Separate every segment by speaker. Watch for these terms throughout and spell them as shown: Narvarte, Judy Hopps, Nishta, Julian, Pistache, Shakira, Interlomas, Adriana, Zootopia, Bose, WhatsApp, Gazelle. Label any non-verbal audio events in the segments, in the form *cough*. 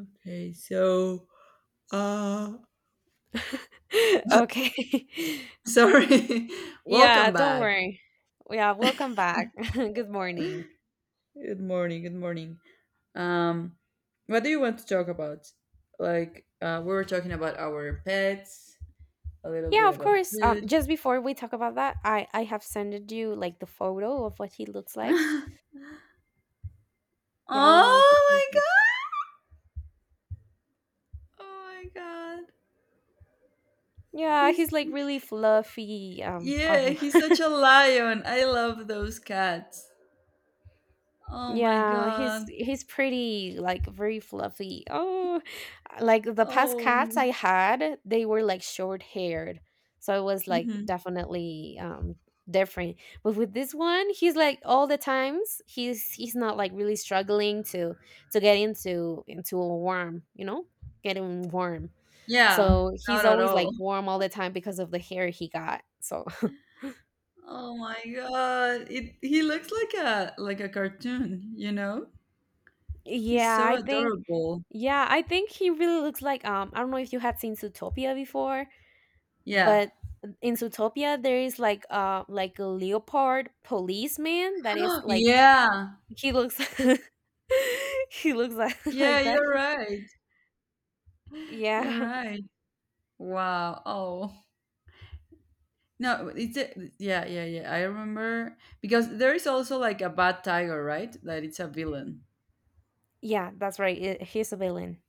Speaker 1: Okay, uh
Speaker 2: *laughs* Okay. *laughs*
Speaker 1: sorry. *laughs* Welcome
Speaker 2: Yeah, don't
Speaker 1: back.
Speaker 2: worry. Yeah, welcome back. *laughs* Good morning.
Speaker 1: Good morning, good morning. Um what do you want to talk about? Like, we were talking about our pets, a little
Speaker 2: Yeah,
Speaker 1: bit
Speaker 2: of
Speaker 1: about
Speaker 2: course.
Speaker 1: food.
Speaker 2: Just before we talk about that, I have sent you like the photo of what he looks
Speaker 1: *laughs*
Speaker 2: like.
Speaker 1: Oh
Speaker 2: Yeah, I don't know if you can
Speaker 1: my
Speaker 2: see.
Speaker 1: god. Oh my god.
Speaker 2: Yeah, he's
Speaker 1: He's
Speaker 2: like really fluffy. I don't
Speaker 1: Yeah,
Speaker 2: know.
Speaker 1: he's such a lion. I love those cats. Oh my
Speaker 2: Yeah, he's
Speaker 1: god.
Speaker 2: he's pretty like very fluffy. Oh, like the past
Speaker 1: Oh.
Speaker 2: cats I had, they were like short haired. So it was like
Speaker 1: Mhm.
Speaker 2: definitely different. But with this one, he's like all the times he's not like really struggling to get into a warm, you know? Getting warm.
Speaker 1: Yeah,
Speaker 2: So he's
Speaker 1: not at
Speaker 2: always
Speaker 1: all.
Speaker 2: like warm all the time because of the hair he got. So
Speaker 1: Oh my god. It He looks like a cartoon, you know? He's
Speaker 2: yeah,
Speaker 1: so
Speaker 2: I think
Speaker 1: adorable.
Speaker 2: yeah, I think he really looks like I don't know if you had seen Zootopia before,
Speaker 1: Yeah.
Speaker 2: but in Zootopia there is like a leopard policeman that is
Speaker 1: *gasps*
Speaker 2: like
Speaker 1: Yeah.
Speaker 2: he looks *laughs* he looks
Speaker 1: Yeah,
Speaker 2: like that.
Speaker 1: you're right. You're
Speaker 2: Yeah.
Speaker 1: right. Wow. Oh. No, yeah, yeah, yeah. I remember because there is also like a bad tiger, right? That it's a villain.
Speaker 2: Yeah, that's right. He's a villain.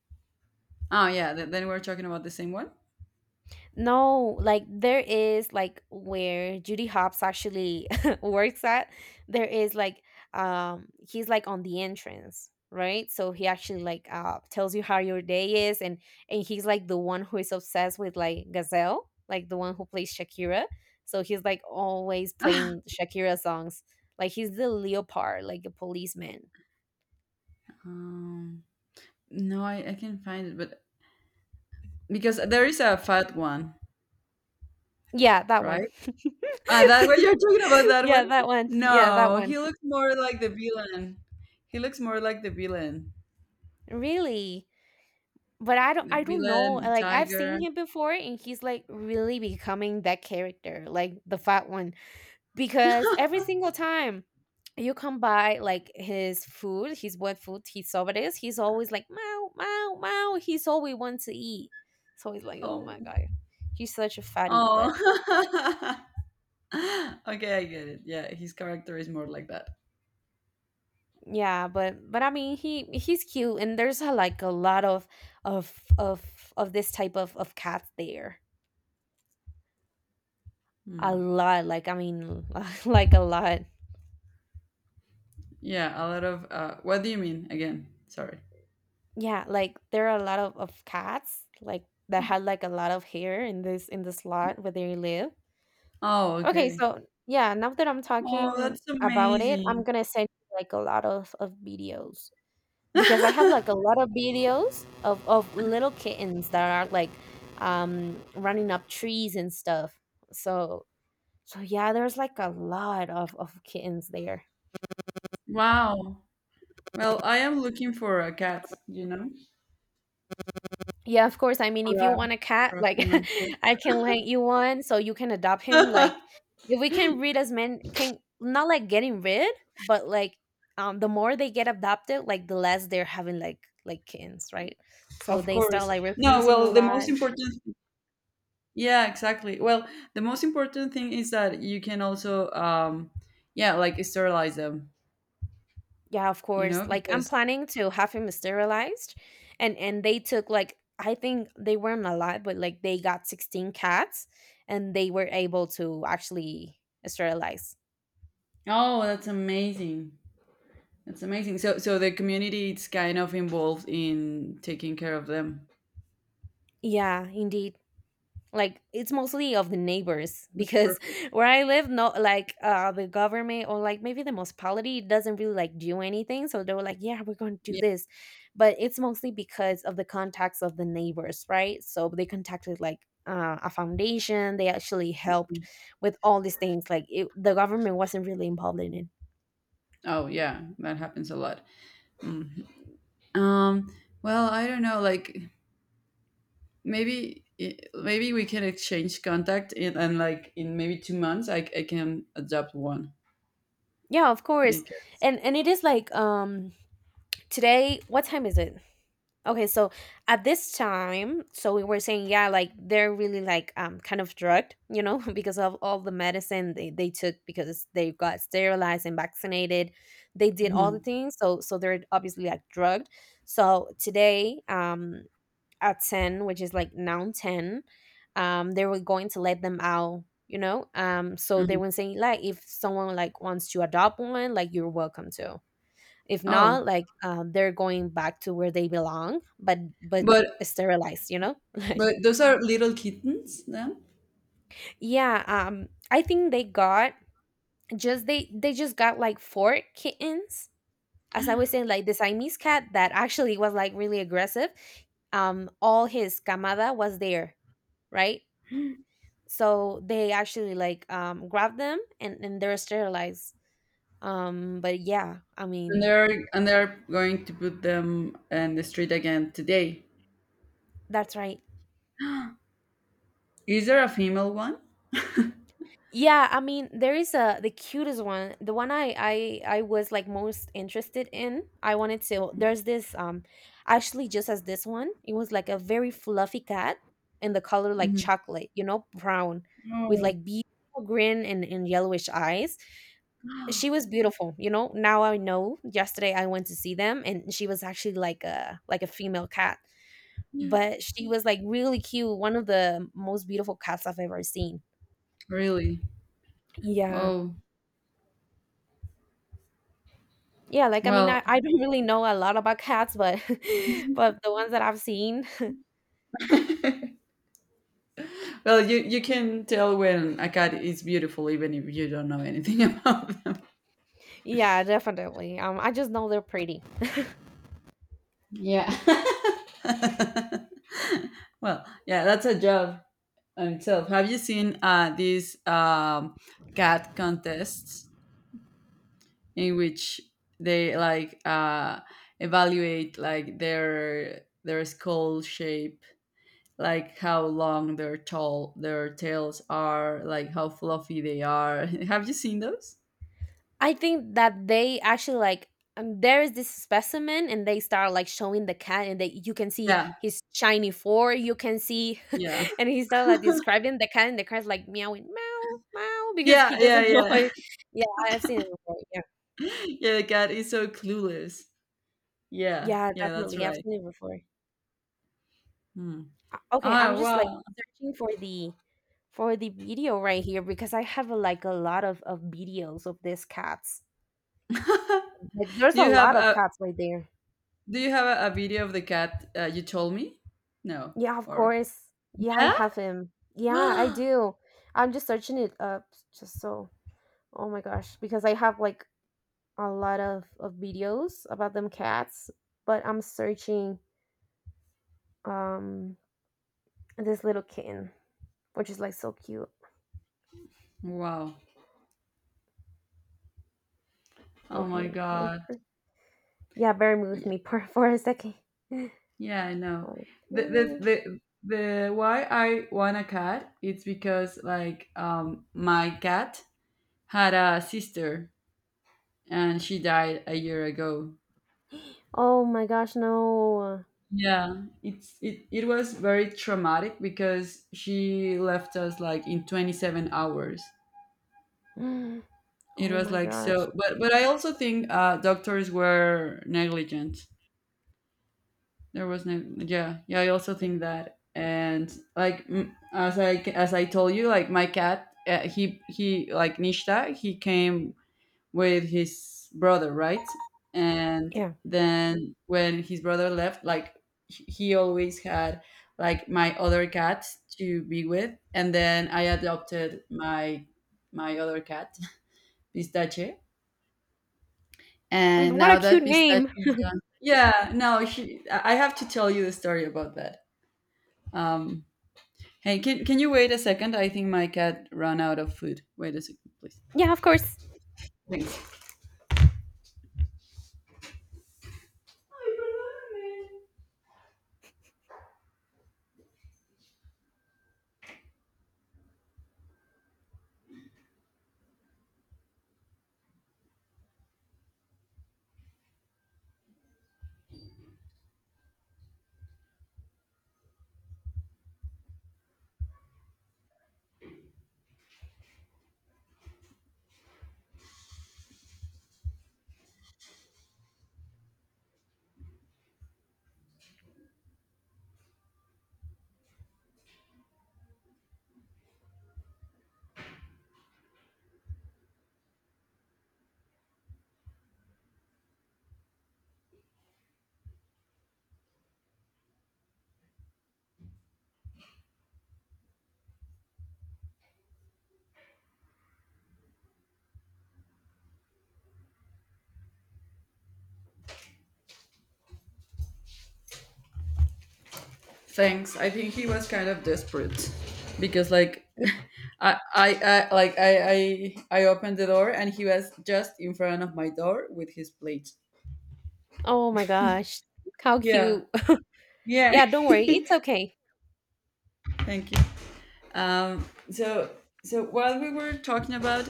Speaker 1: Oh yeah, then we're talking about the same one.
Speaker 2: No, like there is like where Judy Hopps actually *laughs* works at. There is like he's like on the entrance, right? So he actually like tells you how your day is, and he's like the one who is obsessed with like Gazelle, like the one who plays Shakira. So he's like always playing
Speaker 1: *laughs*
Speaker 2: Shakira songs. Like he's the leopard, like a policeman.
Speaker 1: um, no, I can find it, but because there is a fat one,
Speaker 2: Yeah, that one.
Speaker 1: right?
Speaker 2: *laughs*
Speaker 1: Ah, that one, *laughs* you're talking about
Speaker 2: *laughs*
Speaker 1: that one?
Speaker 2: Yeah, that one. Yeah, that
Speaker 1: No,
Speaker 2: one.
Speaker 1: he looks more like the villain. He looks more like the villain.
Speaker 2: Really? But
Speaker 1: The
Speaker 2: I don't know,
Speaker 1: villain
Speaker 2: like, I've
Speaker 1: tiger.
Speaker 2: seen him before, and he's, like, really becoming that character, like, the fat one, because every single time you come by, like, his food, his wet food, his sobres, he's always like, "Meow, meow, meow," he's all we want to eat. So it's like, "Oh
Speaker 1: Oh,
Speaker 2: my god, he's such a fatty," but
Speaker 1: oh. *laughs* Okay, I get it. Yeah, his character is more like that.
Speaker 2: yeah, but I mean, he's cute, and there's a like, a lot of of of this type of cats there. A
Speaker 1: Hmm.
Speaker 2: lot, like, I mean, *laughs* like, a lot.
Speaker 1: Yeah, a lot of. What do you mean again? Sorry.
Speaker 2: Yeah, like there are a lot of cats like that had like a lot of hair in this lot where they live.
Speaker 1: Oh,
Speaker 2: Okay,
Speaker 1: okay.
Speaker 2: so yeah, now that I'm
Speaker 1: Oh,
Speaker 2: talking
Speaker 1: that's
Speaker 2: about it,
Speaker 1: amazing.
Speaker 2: I'm gonna send you like a lot of videos because I have like a
Speaker 1: *laughs*
Speaker 2: lot of videos of little kittens that are like running up trees and stuff. So so yeah, there's like a lot of kittens there.
Speaker 1: Wow. Well, I am looking for a cat. You know,
Speaker 2: Yeah, of course. I mean,
Speaker 1: for
Speaker 2: if you
Speaker 1: a,
Speaker 2: want a cat,
Speaker 1: for a
Speaker 2: like
Speaker 1: female
Speaker 2: *laughs* I can lend you one so you can adopt him.
Speaker 1: pet.
Speaker 2: Like
Speaker 1: *laughs*
Speaker 2: if we can read as men can not like getting rid, but like the more they get adopted, like the less they're having like kittens, right? So
Speaker 1: Of
Speaker 2: they start
Speaker 1: course.
Speaker 2: like
Speaker 1: No,
Speaker 2: reproducing a
Speaker 1: well, the most
Speaker 2: lot.
Speaker 1: important, yeah, exactly. Well, the most important thing is that you can also, yeah, like sterilize them,
Speaker 2: Yeah, of course. Like I'm
Speaker 1: because,
Speaker 2: planning to have him sterilized, and they took like I think they weren't a lot, but like they got 16 cats and they were able to actually sterilize.
Speaker 1: oh, that's amazing. That's amazing. So, the community is kind of involved in taking care of them.
Speaker 2: Yeah, indeed. Like it's mostly of the neighbors *laughs*
Speaker 1: That's
Speaker 2: because
Speaker 1: perfect.
Speaker 2: where I live no, like the government or like maybe the municipality doesn't really like do anything, so they were like yeah, we're going to do
Speaker 1: Yeah.
Speaker 2: this, but it's mostly because of the contacts of the neighbors, right? So they contacted like a foundation. They actually helped with all these things like it, the government wasn't really involved in it.
Speaker 1: Oh, yeah, that happens a lot. Mhm. Um, well, I don't know, like maybe we can exchange contact and like in maybe 2 months, I can adopt one.
Speaker 2: Yeah, of course.
Speaker 1: Because.
Speaker 2: And it is like today what time is it. Okay, so at this time, so we were saying, yeah, like they're really like kind of drugged, you know, *laughs* because of all the medicine they took because they got sterilized and vaccinated. They did all the
Speaker 1: Mhm,
Speaker 2: things, so so they're obviously like drugged. So today, at 10, which is like now 10, they were going to let them out, you know. So they
Speaker 1: mhm.
Speaker 2: were saying like if someone like wants to adopt one, like you're welcome to. If
Speaker 1: Oh,
Speaker 2: not, like they're going back to where they belong, but
Speaker 1: but
Speaker 2: sterilized, you know? *laughs* Like,
Speaker 1: those are little kittens then,
Speaker 2: yeah, I think they got just they just got like four kittens. As I was saying, like the Siamese cat that actually was like really aggressive. All his camada was there, right? So they actually like grabbed them, and they're sterilized. But yeah, I
Speaker 1: and
Speaker 2: mean
Speaker 1: they're going to put them in the street again today.
Speaker 2: that's right.
Speaker 1: Is there a female one? *laughs*
Speaker 2: Yeah, I mean, there is a the cutest one. The one I was like most interested in. I wanted to. There's this actually just as this one. It was like a very fluffy cat in the color like
Speaker 1: Mhm.
Speaker 2: chocolate, you know, brown with
Speaker 1: Oh.
Speaker 2: like beautiful grin, and yellowish eyes. She
Speaker 1: *gasps*
Speaker 2: was beautiful, you know. Now I know. Yesterday I went to see them, and she was actually like a female cat, but she was like really cute. One of the most beautiful cats I've ever seen.
Speaker 1: Really?
Speaker 2: Yeah.
Speaker 1: Oh,
Speaker 2: Yeah, like I mean, I,
Speaker 1: well,
Speaker 2: I don't really know a lot about cats, but *laughs* but the ones that I've seen,
Speaker 1: you can tell when a cat is beautiful even if you don't know anything *laughs* about them.
Speaker 2: *laughs* yeah, definitely. I just know they're pretty.
Speaker 1: Yeah. *laughs* Well, yeah, that's a job on itself. Have you seen, these, cat contests in which they like, evaluate like their skull shape, like how long their tails are, like how fluffy they are? *laughs* Have you seen those?
Speaker 2: I think that they actually like there is this specimen, and they start like showing the cat, and they you can see
Speaker 1: Yeah,
Speaker 2: his shiny fur, you can see,
Speaker 1: yeah,
Speaker 2: *laughs* and he started like describing the cat, and the cat's like meowing, meow, meow, because he
Speaker 1: yeah, yeah,
Speaker 2: doesn't *laughs* know.
Speaker 1: yeah.
Speaker 2: It. Yeah, I've seen it before. Yeah,
Speaker 1: *laughs* Yeah, the cat is so clueless. Yeah,
Speaker 2: yeah,
Speaker 1: yeah, that's
Speaker 2: definitely, I've
Speaker 1: right.
Speaker 2: seen it before.
Speaker 1: Hmm.
Speaker 2: Okay, I'm
Speaker 1: Ah,
Speaker 2: just like
Speaker 1: wow.
Speaker 2: searching for the video right here because I have a, like a lot of videos of these cats.
Speaker 1: *laughs*
Speaker 2: Like there's
Speaker 1: Do
Speaker 2: a
Speaker 1: you have
Speaker 2: lot of
Speaker 1: a
Speaker 2: cats right there.
Speaker 1: Do you have a video of the cat, you told me? No.
Speaker 2: Yeah, of
Speaker 1: Or
Speaker 2: course. Yeah, I
Speaker 1: yeah?
Speaker 2: have him. Yeah, I
Speaker 1: *gasps*
Speaker 2: do. I'm just searching it up just so. Oh my gosh, because I have like a lot of videos about them cats, but I'm searching um this little kitten, which is like so cute.
Speaker 1: Wow. Oh my
Speaker 2: Okay, wait
Speaker 1: god.
Speaker 2: for yeah, bear with
Speaker 1: Yeah,
Speaker 2: me *laughs* for a second.
Speaker 1: yeah, I know.
Speaker 2: Okay.
Speaker 1: The Why I want a cat, it's because like, my cat had a sister and she died a year ago.
Speaker 2: Oh my gosh, no.
Speaker 1: Yeah, it was very traumatic because she left us like in 27 hours.
Speaker 2: *gasps*
Speaker 1: It
Speaker 2: Oh
Speaker 1: was
Speaker 2: my
Speaker 1: like
Speaker 2: gosh.
Speaker 1: so, but I also think, doctors were negligent. There was no, yeah, yeah. I also think that, and like, as I told you, like my cat, he like Nishta, he came with his brother, right? And
Speaker 2: Yeah.
Speaker 1: then when his brother left, like he always had like my other cat to be with, and then I adopted my other cat, *laughs* Pistache.
Speaker 2: Mm,
Speaker 1: And
Speaker 2: what a
Speaker 1: now
Speaker 2: cute
Speaker 1: that pistachio
Speaker 2: name.
Speaker 1: is gone. Yeah, no, I have to tell you the story about that. Um, hey, can you wait a second? I think my cat ran out of food. Wait a second, please.
Speaker 2: Yeah, of course.
Speaker 1: Thanks. Thanks. I think he was kind of desperate because, like,
Speaker 2: Y-
Speaker 1: *laughs* I like I opened the door and he was just in front of my door with his plate.
Speaker 2: Oh my gosh. How
Speaker 1: Yeah.
Speaker 2: cute. *laughs*
Speaker 1: Yeah.
Speaker 2: Yeah, don't worry. It's okay.
Speaker 1: *laughs* Thank you. So, while we were talking about,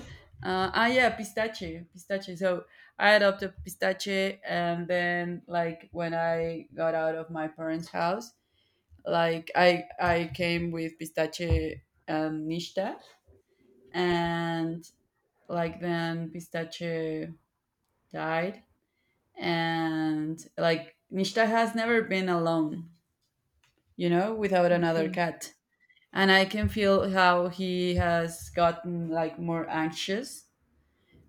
Speaker 1: yeah, pistache, so I adopted pistache and then like when I got out of my parents' house, like I came with pistache and nishta, and like then pistache died, and like nishta has never been alone, without another
Speaker 2: Okay.
Speaker 1: cat. And I can feel how he has gotten like more anxious.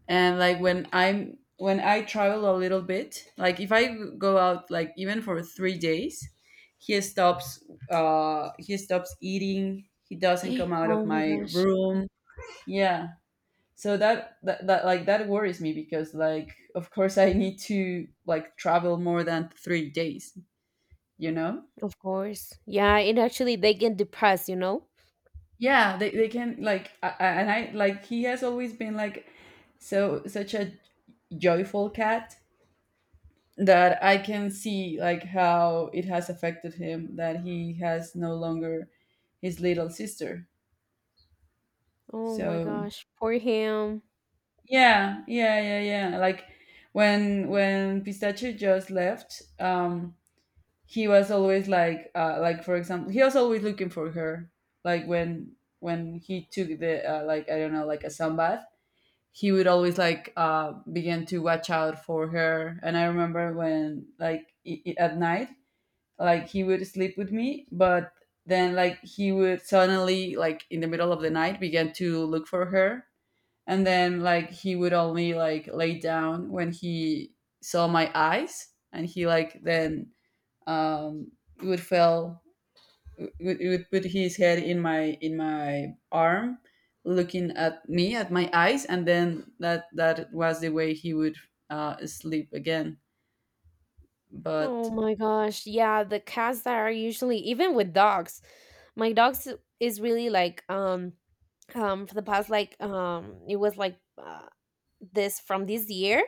Speaker 1: And like when I travel a little bit, like if I go out like even for 3 days, he stops he stops eating. He doesn't come
Speaker 2: *gasps*
Speaker 1: out of
Speaker 2: Oh my
Speaker 1: my
Speaker 2: gosh.
Speaker 1: room. Yeah. So that worries me because like of course I need to like travel more than 3 days, you know?
Speaker 2: Of course. Yeah, it actually they get depressed, you know?
Speaker 1: Yeah, they can like, I- and I like he has always been like such a joyful cat that I can see like how it has affected him that he has no longer his little sister.
Speaker 2: Oh my
Speaker 1: So
Speaker 2: gosh. Poor him.
Speaker 1: yeah, yeah, yeah, yeah. Like when Pistachio just left, he was always like, like for example, he was always looking for her. Like when he took the, like I don't know, like a sunbath, he would always like, begin to watch out for her. And I remember when like, at night, like he would sleep with me, but then like he would suddenly like in the middle of the night begin to look for her, and then like he would only like lay down when he saw my eyes, and he like then, um, would fell would, would put his head in my arm looking at me at my eyes, and then that was the way he would, sleep again, but.
Speaker 2: Oh my gosh. Yeah, the cats that are usually even with dogs. My dogs is really like for the past like it was like this from this year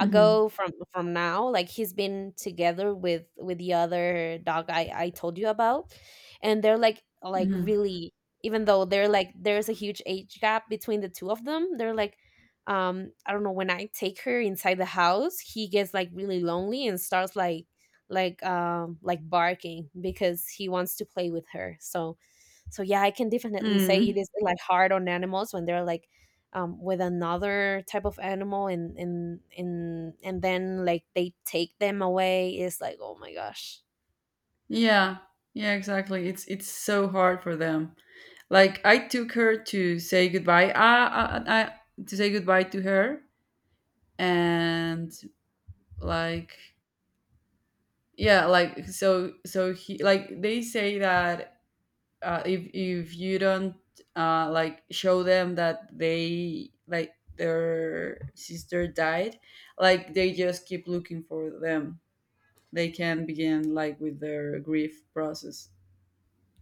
Speaker 1: Mhm,
Speaker 2: from now like he's been together with the other dog I told you about, and they're like
Speaker 1: mhm.
Speaker 2: really even though they're like there's a huge age gap between the two of them, they're like I don't know, when I take her inside the house, he gets like really lonely and starts like like barking because he wants to play with her, so so yeah, I can definitely say
Speaker 1: Mm,
Speaker 2: it is like hard on animals when they're like with another type of animal, and then like they take them away, it's like oh my gosh.
Speaker 1: yeah yeah, exactly, it's so hard for them. Like I took her to say goodbye, to say goodbye to her, and like, yeah, like so, he like they say that, if you don't, like show them that they like their sister died, like they just keep looking for them. They can begin like with their grief process.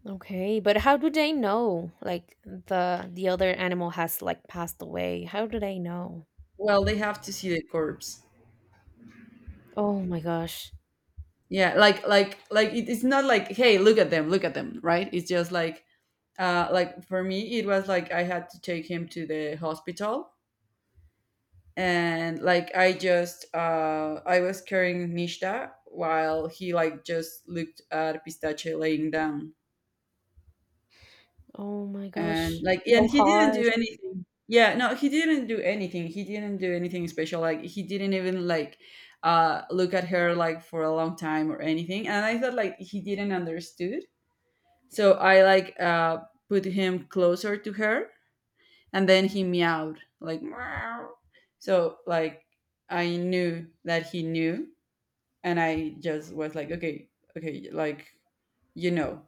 Speaker 2: Okay, but how do they know like the other animal has like passed away, how do they know?
Speaker 1: Well, they have to see the corpse.
Speaker 2: Oh my gosh.
Speaker 1: Yeah, it, it's not like, hey, look at them, right? It's just like, like for me, it was like I had to take him to the hospital, and like I was carrying mishta while he like just looked at pistache laying down,
Speaker 2: Oh my
Speaker 1: and
Speaker 2: gosh.
Speaker 1: like, and
Speaker 2: So
Speaker 1: he didn't
Speaker 2: harsh.
Speaker 1: do anything. Yeah, no, he didn't do anything, he didn't do anything special, like he didn't even like, look at her like for a long time or anything, and I thought like he didn't understood, so I like, put him closer to her, and then he meowed like meow, so like I knew that he knew, and I just was like, okay, okay, like, you know,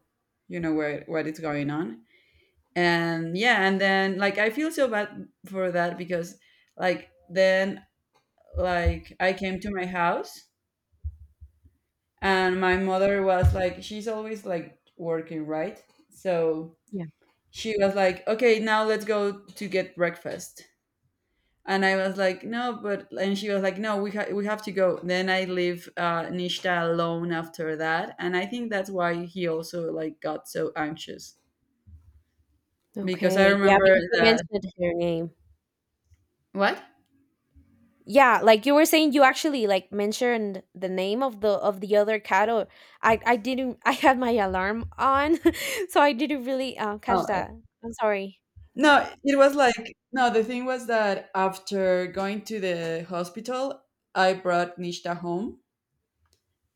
Speaker 1: you know where what is going on, and yeah, and then like I feel so bad for that because like then like I came to my house and my mother was like, she's always like working, right? So
Speaker 2: Yeah,
Speaker 1: she was like, okay, now let's go to get breakfast. And I was like, no, but and she was like, no, we we have to go. Then I leave, Nishta alone after that, and I think that's why he also like got so anxious because I
Speaker 2: okay, yeah,
Speaker 1: remember
Speaker 2: because you
Speaker 1: that,
Speaker 2: mentioned her name.
Speaker 1: what?
Speaker 2: Yeah, like you were saying you actually like mentioned the name of the other cattle. I didn't *laughs* I had my alarm on *laughs* so I didn't really catch
Speaker 1: Oh, okay.
Speaker 2: that. I'm sorry.
Speaker 1: No, it was like no. The thing was that after going to the hospital, I brought Nishta home,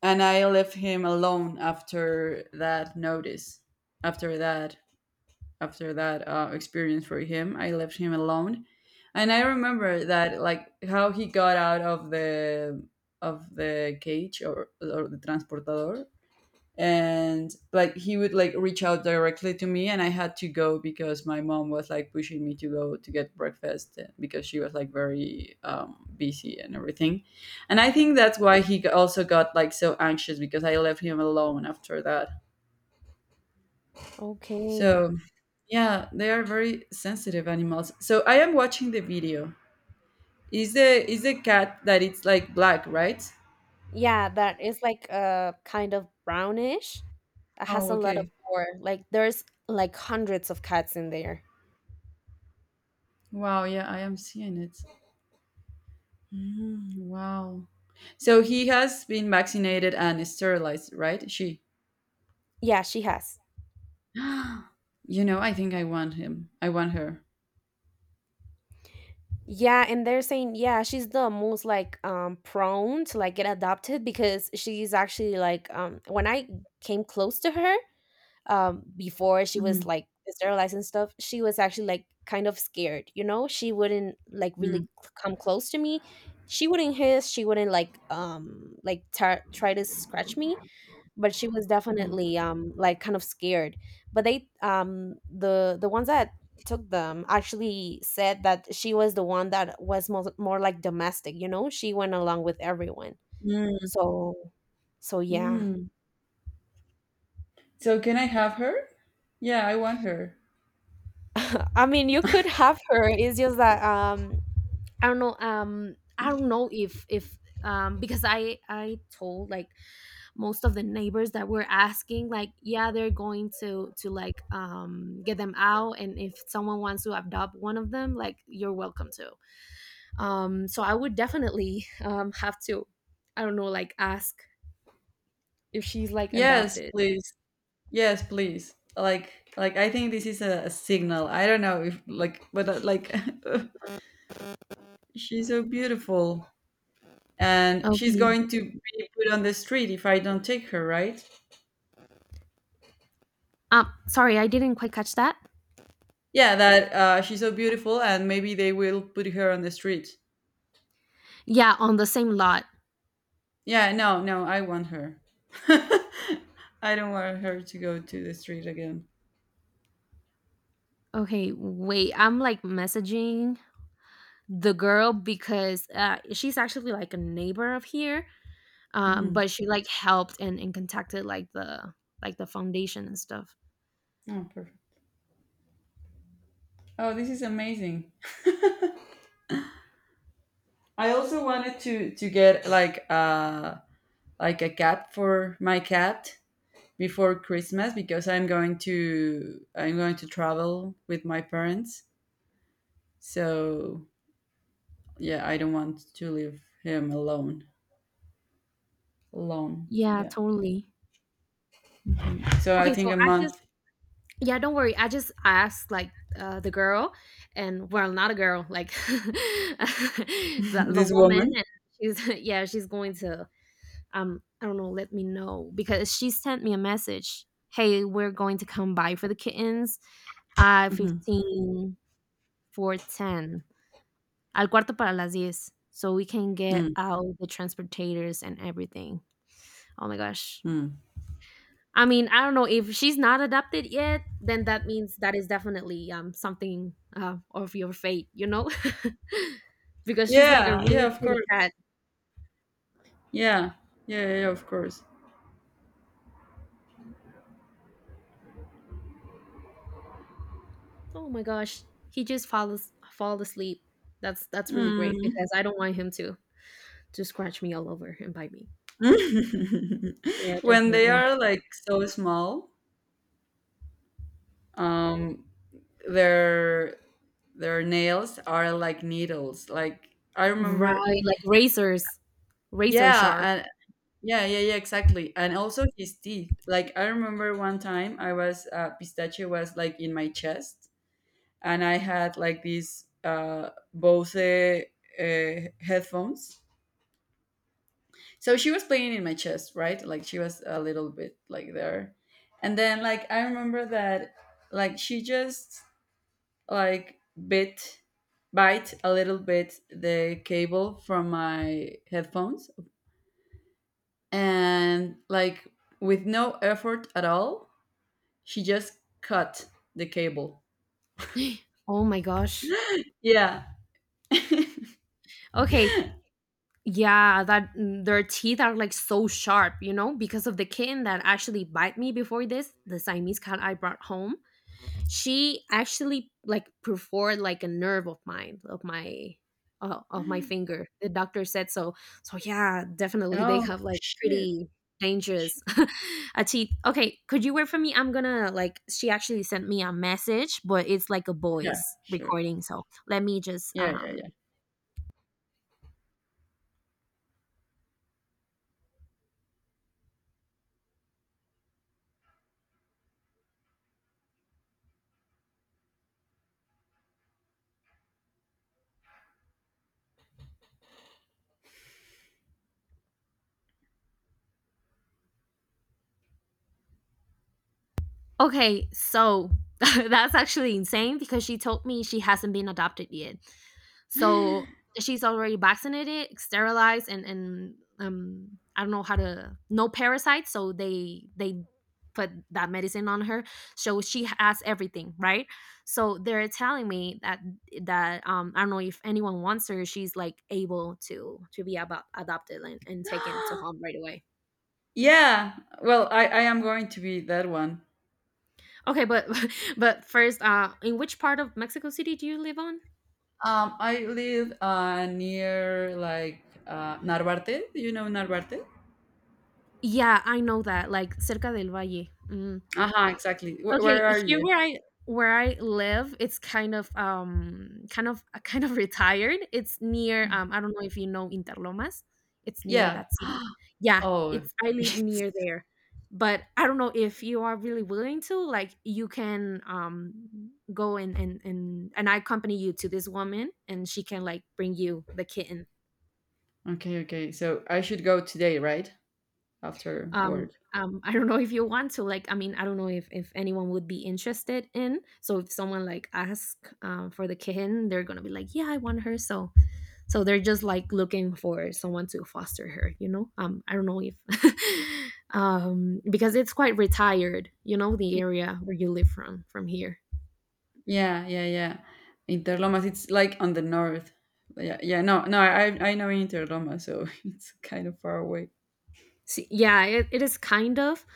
Speaker 1: and I left him alone after that notice, after that experience for him. I left him alone, and I remember that like how he got out of the cage, or, the transportador, and like he would like reach out directly to me, and I had to go because my mom was like pushing me to go to get breakfast, because she was like very, busy and everything, and I think that's why he, also got like so anxious because I left him alone after that.
Speaker 2: Okay,
Speaker 1: So yeah, they are very sensitive animals. So I am watching the video. Is the cat that it's like black, right?
Speaker 2: yeah, that is like kind of brownish, that has
Speaker 1: Oh,
Speaker 2: a lot of
Speaker 1: okay.
Speaker 2: fur, like there's like hundreds of cats in there.
Speaker 1: Wow, yeah, I am seeing it. Mm, wow. So he has been vaccinated and sterilized, right? She.
Speaker 2: Yeah, she has.
Speaker 1: *gasps* I think I want him. I want her.
Speaker 2: Yeah, and they're saying yeah, she's the most like prone to like get adopted because she's actually like when I came close to her, before she was
Speaker 1: Mm,
Speaker 2: like sterilized and stuff, she was actually like kind of scared, you know, she wouldn't like really
Speaker 1: mm,
Speaker 2: come close to me. She wouldn't hiss, she wouldn't like try to scratch me, but she was
Speaker 1: mhm,
Speaker 2: definitely like kind of scared. But they the ones that took them actually said that she was the one that was more, more like domestic, you know, she went along with everyone.
Speaker 1: mm,
Speaker 2: So so yeah.
Speaker 1: mm. So can I have her? Yeah, I want her.
Speaker 2: *laughs* I mean, you could have her, it's just that I don't know. I don't know if because I told like most of the neighbors that were asking like yeah, they're going to like get them out, and if someone wants to adopt one of them, like you're welcome to. So I would definitely *laughs* have to I don't know like ask if she's like
Speaker 1: Yes,
Speaker 2: adopted.
Speaker 1: please. Yes, please. Like I think this is a signal. I don't know if like, but, like, *laughs* she's so beautiful, and she's
Speaker 2: Okay.
Speaker 1: going to be put on the street if I don't take her, right?
Speaker 2: Sorry, I didn't quite catch that.
Speaker 1: Yeah, that, she's so beautiful, and maybe they will put her on the street.
Speaker 2: Yeah, on the same lot.
Speaker 1: Yeah, no, no, I want her. *laughs* I don't want her to go to the street again.
Speaker 2: Okay, wait. I'm like messaging the girl because she's actually like a neighbor of here, but
Speaker 1: Hmm.
Speaker 2: she like helped and contacted like the foundation and stuff.
Speaker 1: Oh, perfect. Oh, this is amazing. I also wanted to get like, like a cat for my cat before Christmas because I'm going to travel with my parents. So yeah, I don't want to leave him alone. Alone.
Speaker 2: Yeah,
Speaker 1: Yeah.
Speaker 2: totally.
Speaker 1: So I
Speaker 2: Okay,
Speaker 1: think
Speaker 2: so
Speaker 1: a
Speaker 2: I just,
Speaker 1: month.
Speaker 2: yeah, don't worry, I just asked like the girl, and well, not a girl, like *laughs*
Speaker 1: *laughs*
Speaker 2: the
Speaker 1: This
Speaker 2: woman,
Speaker 1: woman.
Speaker 2: and she's *laughs* yeah, she's going to, I don't know, let me know because she sent me a message, hey we're going to come by for the kittens,
Speaker 1: Mhm.
Speaker 2: 15 for 10. Al cuarto para las diez, so we can get
Speaker 1: Mm,
Speaker 2: out the transportators and everything. Oh my gosh.
Speaker 1: mm.
Speaker 2: I mean, I don't know, if she's not adopted yet, then that means that is definitely something of your fate, you know, *laughs* because she's like a
Speaker 1: Yeah. Yeah.
Speaker 2: really
Speaker 1: Of
Speaker 2: pretty
Speaker 1: course.
Speaker 2: cat.
Speaker 1: Yeah. Yeah. Yeah. Of course.
Speaker 2: Oh my gosh, he just fall asleep. That's really great
Speaker 1: Mm.
Speaker 2: because I don't want him to scratch me all over and bite me. Yeah,
Speaker 1: *laughs* When they
Speaker 2: definitely.
Speaker 1: are like so small, um, their their nails are like needles. Like I remember.
Speaker 2: Right, like razors, razor
Speaker 1: Yeah,
Speaker 2: sharp.
Speaker 1: and yeah, yeah, yeah, exactly. And also his teeth. Like I remember one time I was pistachio was like in my chest, and I had like these, Bose, headphones. So she was playing in my chest, right? Like she was a little bit like there, and then like I remember that like she just like bit bite a little bit the cable from my headphones, and like with no effort at all, she just cut the cable.
Speaker 2: *gasps* Oh my gosh.
Speaker 1: Yeah. *laughs*
Speaker 2: Okay. Yeah, that their teeth are like so sharp, you know, because of the kitten that actually bite me before this, the Siamese cat I brought home. She actually like perfored like a nerve of mine, of my finger. The doctor said so. So yeah, definitely they
Speaker 1: Oh
Speaker 2: have like
Speaker 1: shit.
Speaker 2: pretty
Speaker 1: Sh-
Speaker 2: dangerous *laughs* a teeth. Okay, could you wait for me? I'm gonna like, she actually sent me a message, but it's like a
Speaker 1: Yeah,
Speaker 2: voice
Speaker 1: sure.
Speaker 2: recording. So let me just
Speaker 1: Yeah, yeah,
Speaker 2: Okay, so *laughs* that's actually insane because she told me she hasn't been adopted yet. So she's already vaccinated, sterilized, and I don't know how to, no parasites. So they put that medicine on her. So she has everything, right? So they're telling me that that I don't know if anyone wants her. She's like able to be about adopted and taken to
Speaker 1: yeah.
Speaker 2: home right away.
Speaker 1: *gasps* Yeah. Well, I am going to be that one.
Speaker 2: Okay, but *laughs* but first, in which part of Mexico City do you live on?
Speaker 1: I live, near like, Narvarte. Do you know Narvarte?
Speaker 2: Yeah, I know that, like cerca del Valle. Mm.
Speaker 1: Uh-huh, exactly.
Speaker 2: Okay,
Speaker 1: Where are
Speaker 2: here
Speaker 1: you?
Speaker 2: where I live, it's kind of *laughs* kind of retired. It's near I don't know if you know Interlomas. It's near
Speaker 1: Yeah.
Speaker 2: that city.
Speaker 1: *gasps*
Speaker 2: Yeah,
Speaker 1: Oh.
Speaker 2: it's I live near
Speaker 1: *laughs*
Speaker 2: there. But I don't know if you are really willing to, like, you can go and I accompany you to this woman and she can like bring you the kitten.
Speaker 1: Okay, okay. So I should go today, right? After
Speaker 2: um,
Speaker 1: work.
Speaker 2: um i don't know if you want to, like, I mean, I don't know if anyone would be interested in, so if someone like ask for the kitten, they're gonna be like, yeah, I want her. So so they're just like looking for someone to foster her, you know. I don't know if *laughs* because it's quite retired, you know, the area where you live from here.
Speaker 1: Yeah, yeah, yeah. Interlomas, it's like on the north. Yeah, yeah. No, no, I know Interlomas, so *laughs* it's kind of far away.
Speaker 2: See, yeah, it is kind of.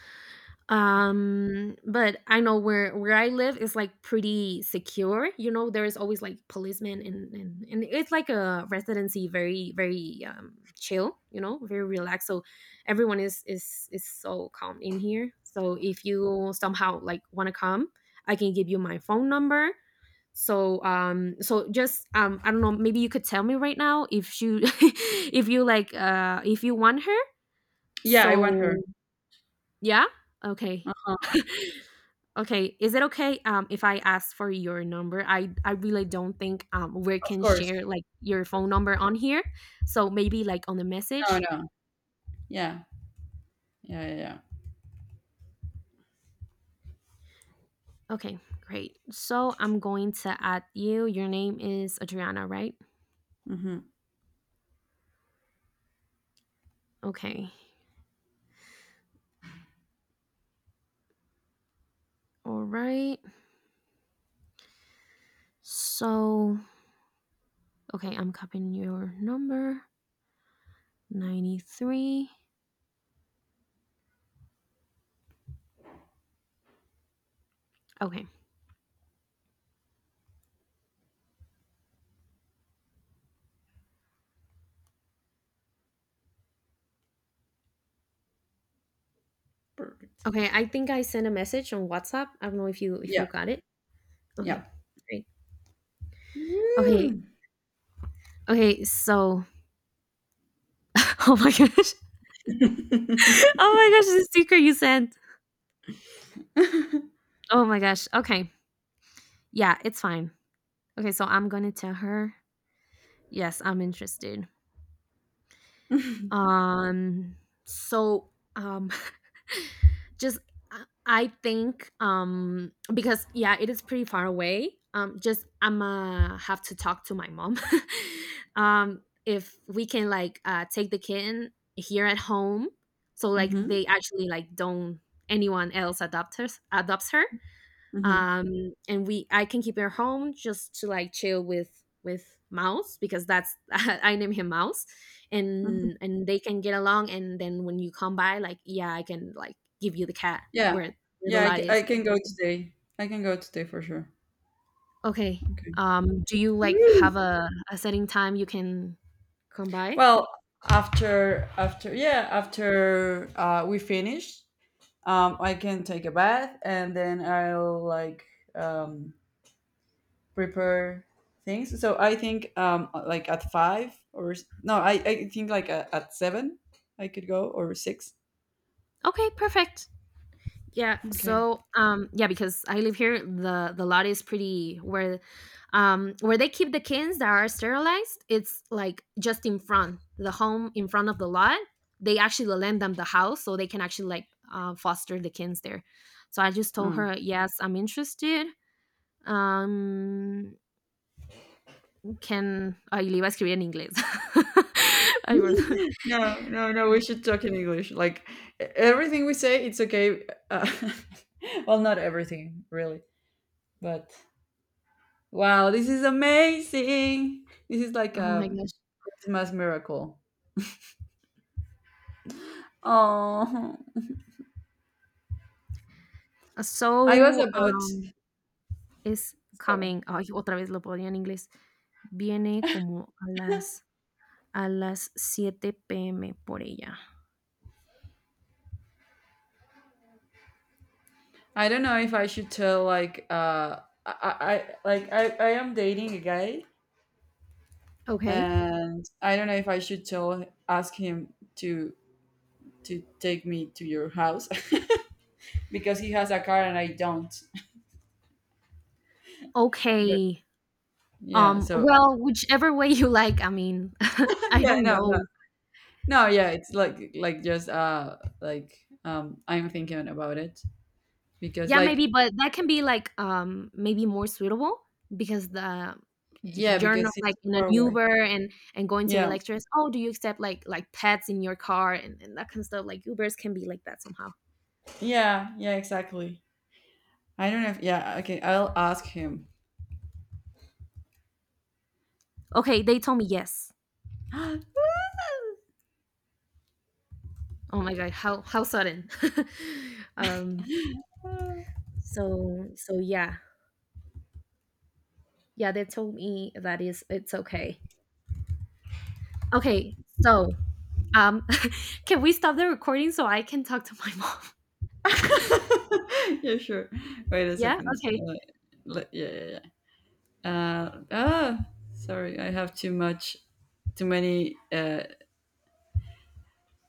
Speaker 2: But I know where I live is like pretty secure. You know, there is always like policemen and it's like a residency, very chill. You know, very relaxed. So everyone is so calm in here. So if you somehow like want to come, I can give you my phone number. So so just I don't know, maybe you could tell me right now if you *laughs* if you like if you want her.
Speaker 1: Yeah, I want her.
Speaker 2: So yeah? Okay. *laughs*
Speaker 1: Uh-huh.
Speaker 2: Okay, is it okay, if I ask for your number? I really don't think, we
Speaker 1: Of
Speaker 2: can
Speaker 1: course.
Speaker 2: share, like, your phone number on here, so maybe, like, on the
Speaker 1: No,
Speaker 2: message?
Speaker 1: no. Yeah, yeah, yeah, yeah.
Speaker 2: Okay, great. So I'm going to add you. Your name is Adriana, right?
Speaker 1: Mm-hmm.
Speaker 2: Okay. Alright. So okay, I'm copying your number, 93. Okay.
Speaker 1: Perfect.
Speaker 2: Okay, I think I sent a message on WhatsApp. I don't know if
Speaker 1: Yeah,
Speaker 2: you got it. Okay,
Speaker 1: yeah.
Speaker 2: great. Okay,
Speaker 1: Woo.
Speaker 2: okay, so *laughs* oh my gosh. *laughs*
Speaker 1: *laughs*
Speaker 2: Oh my gosh, the sticker you sent. Oh my gosh. Okay. Yeah, it's fine. Okay, so I'm gonna tell her, yes, I'm interested. Um so *laughs* *laughs* just I think because yeah, it is pretty far away. Just I'm going to have to talk to my mom. *laughs* If we can like take the kitten here at home, so like
Speaker 1: Mm-hmm,
Speaker 2: they actually like don't anyone else adopts her,
Speaker 1: hmm,
Speaker 2: and we I can keep her home just to like chill with mouse, because that's *laughs* I name him mouse,
Speaker 1: hmm.
Speaker 2: and they can get along, and then when you come by, like, yeah, I can like give you the cat,
Speaker 1: Yeah,
Speaker 2: where where the
Speaker 1: yeah.
Speaker 2: lot
Speaker 1: I
Speaker 2: is.
Speaker 1: can go today. I can go today for sure.
Speaker 2: Okay,
Speaker 1: Okay.
Speaker 2: do you like
Speaker 1: Woo.
Speaker 2: have a setting time you can come by?
Speaker 1: Well, after yeah, after, we finish, I can take a bath and then I'll like, um, prepare things. So I think, like at five, no, I think like at seven I could go, or six.
Speaker 2: Okay, perfect. Yeah.
Speaker 1: Okay.
Speaker 2: So, yeah, because I live here, the lot is pretty where they keep the kids that are sterilized. It's like just in front the home in front of the lot. They actually lend them the house so they can actually like foster the kids there. So I just told
Speaker 1: Mm.
Speaker 2: her, yes, I'm interested. Um, Can. Ay, le iba a escribir en inglés. *laughs*
Speaker 1: *laughs*
Speaker 2: Ay, perdón.
Speaker 1: No, no, no. We
Speaker 2: Mm.
Speaker 1: should talk in English. Like, everything we say, it's okay. Uh, *laughs* well, not everything really, but. Wow, this is amazing. This is like
Speaker 2: Oh my
Speaker 1: a
Speaker 2: gosh.
Speaker 1: Christmas miracle. Oh, I was
Speaker 2: So,
Speaker 1: about,
Speaker 2: es
Speaker 1: sorry.
Speaker 2: coming. Ay, otra vez lo ponía en inglés. Viene como a las 7 p.m. por ella.
Speaker 1: I don't know if I should tell like, I am dating a guy,
Speaker 2: Okay.
Speaker 1: and I don't know if I should tell ask him to take me to your house *laughs* because he has a car and I don't. But,
Speaker 2: Okay.
Speaker 1: yeah, so,
Speaker 2: Well, whichever way you like. I mean, *laughs* I
Speaker 1: *laughs* yeah,
Speaker 2: don't
Speaker 1: no, no.
Speaker 2: know.
Speaker 1: No, yeah, it's like just, like, I'm thinking about it because
Speaker 2: Yeah, maybe,
Speaker 1: like.
Speaker 2: but that can be like maybe more suitable because the
Speaker 1: Yeah,
Speaker 2: you're not
Speaker 1: because it's
Speaker 2: like in an
Speaker 1: far away.
Speaker 2: Uber and going to the
Speaker 1: Yeah,
Speaker 2: lectures. Oh, do you accept like pets in your car and that kind of stuff? Like Ubers can be like that somehow.
Speaker 1: yeah, yeah, exactly. I don't know if, yeah, okay, I'll ask him.
Speaker 2: Okay, they told me yes.
Speaker 1: *laughs*
Speaker 2: Oh my god, how sudden. *laughs* um so so yeah. Yeah, they told me that is it's okay. Okay, so um *laughs* can we stop the recording so I can talk to my mom? *laughs*
Speaker 1: Yeah, sure. Wait a
Speaker 2: Yeah?
Speaker 1: second.
Speaker 2: Okay.
Speaker 1: Yeah, yeah, yeah. Uh, ah, sorry, I have too much, too many,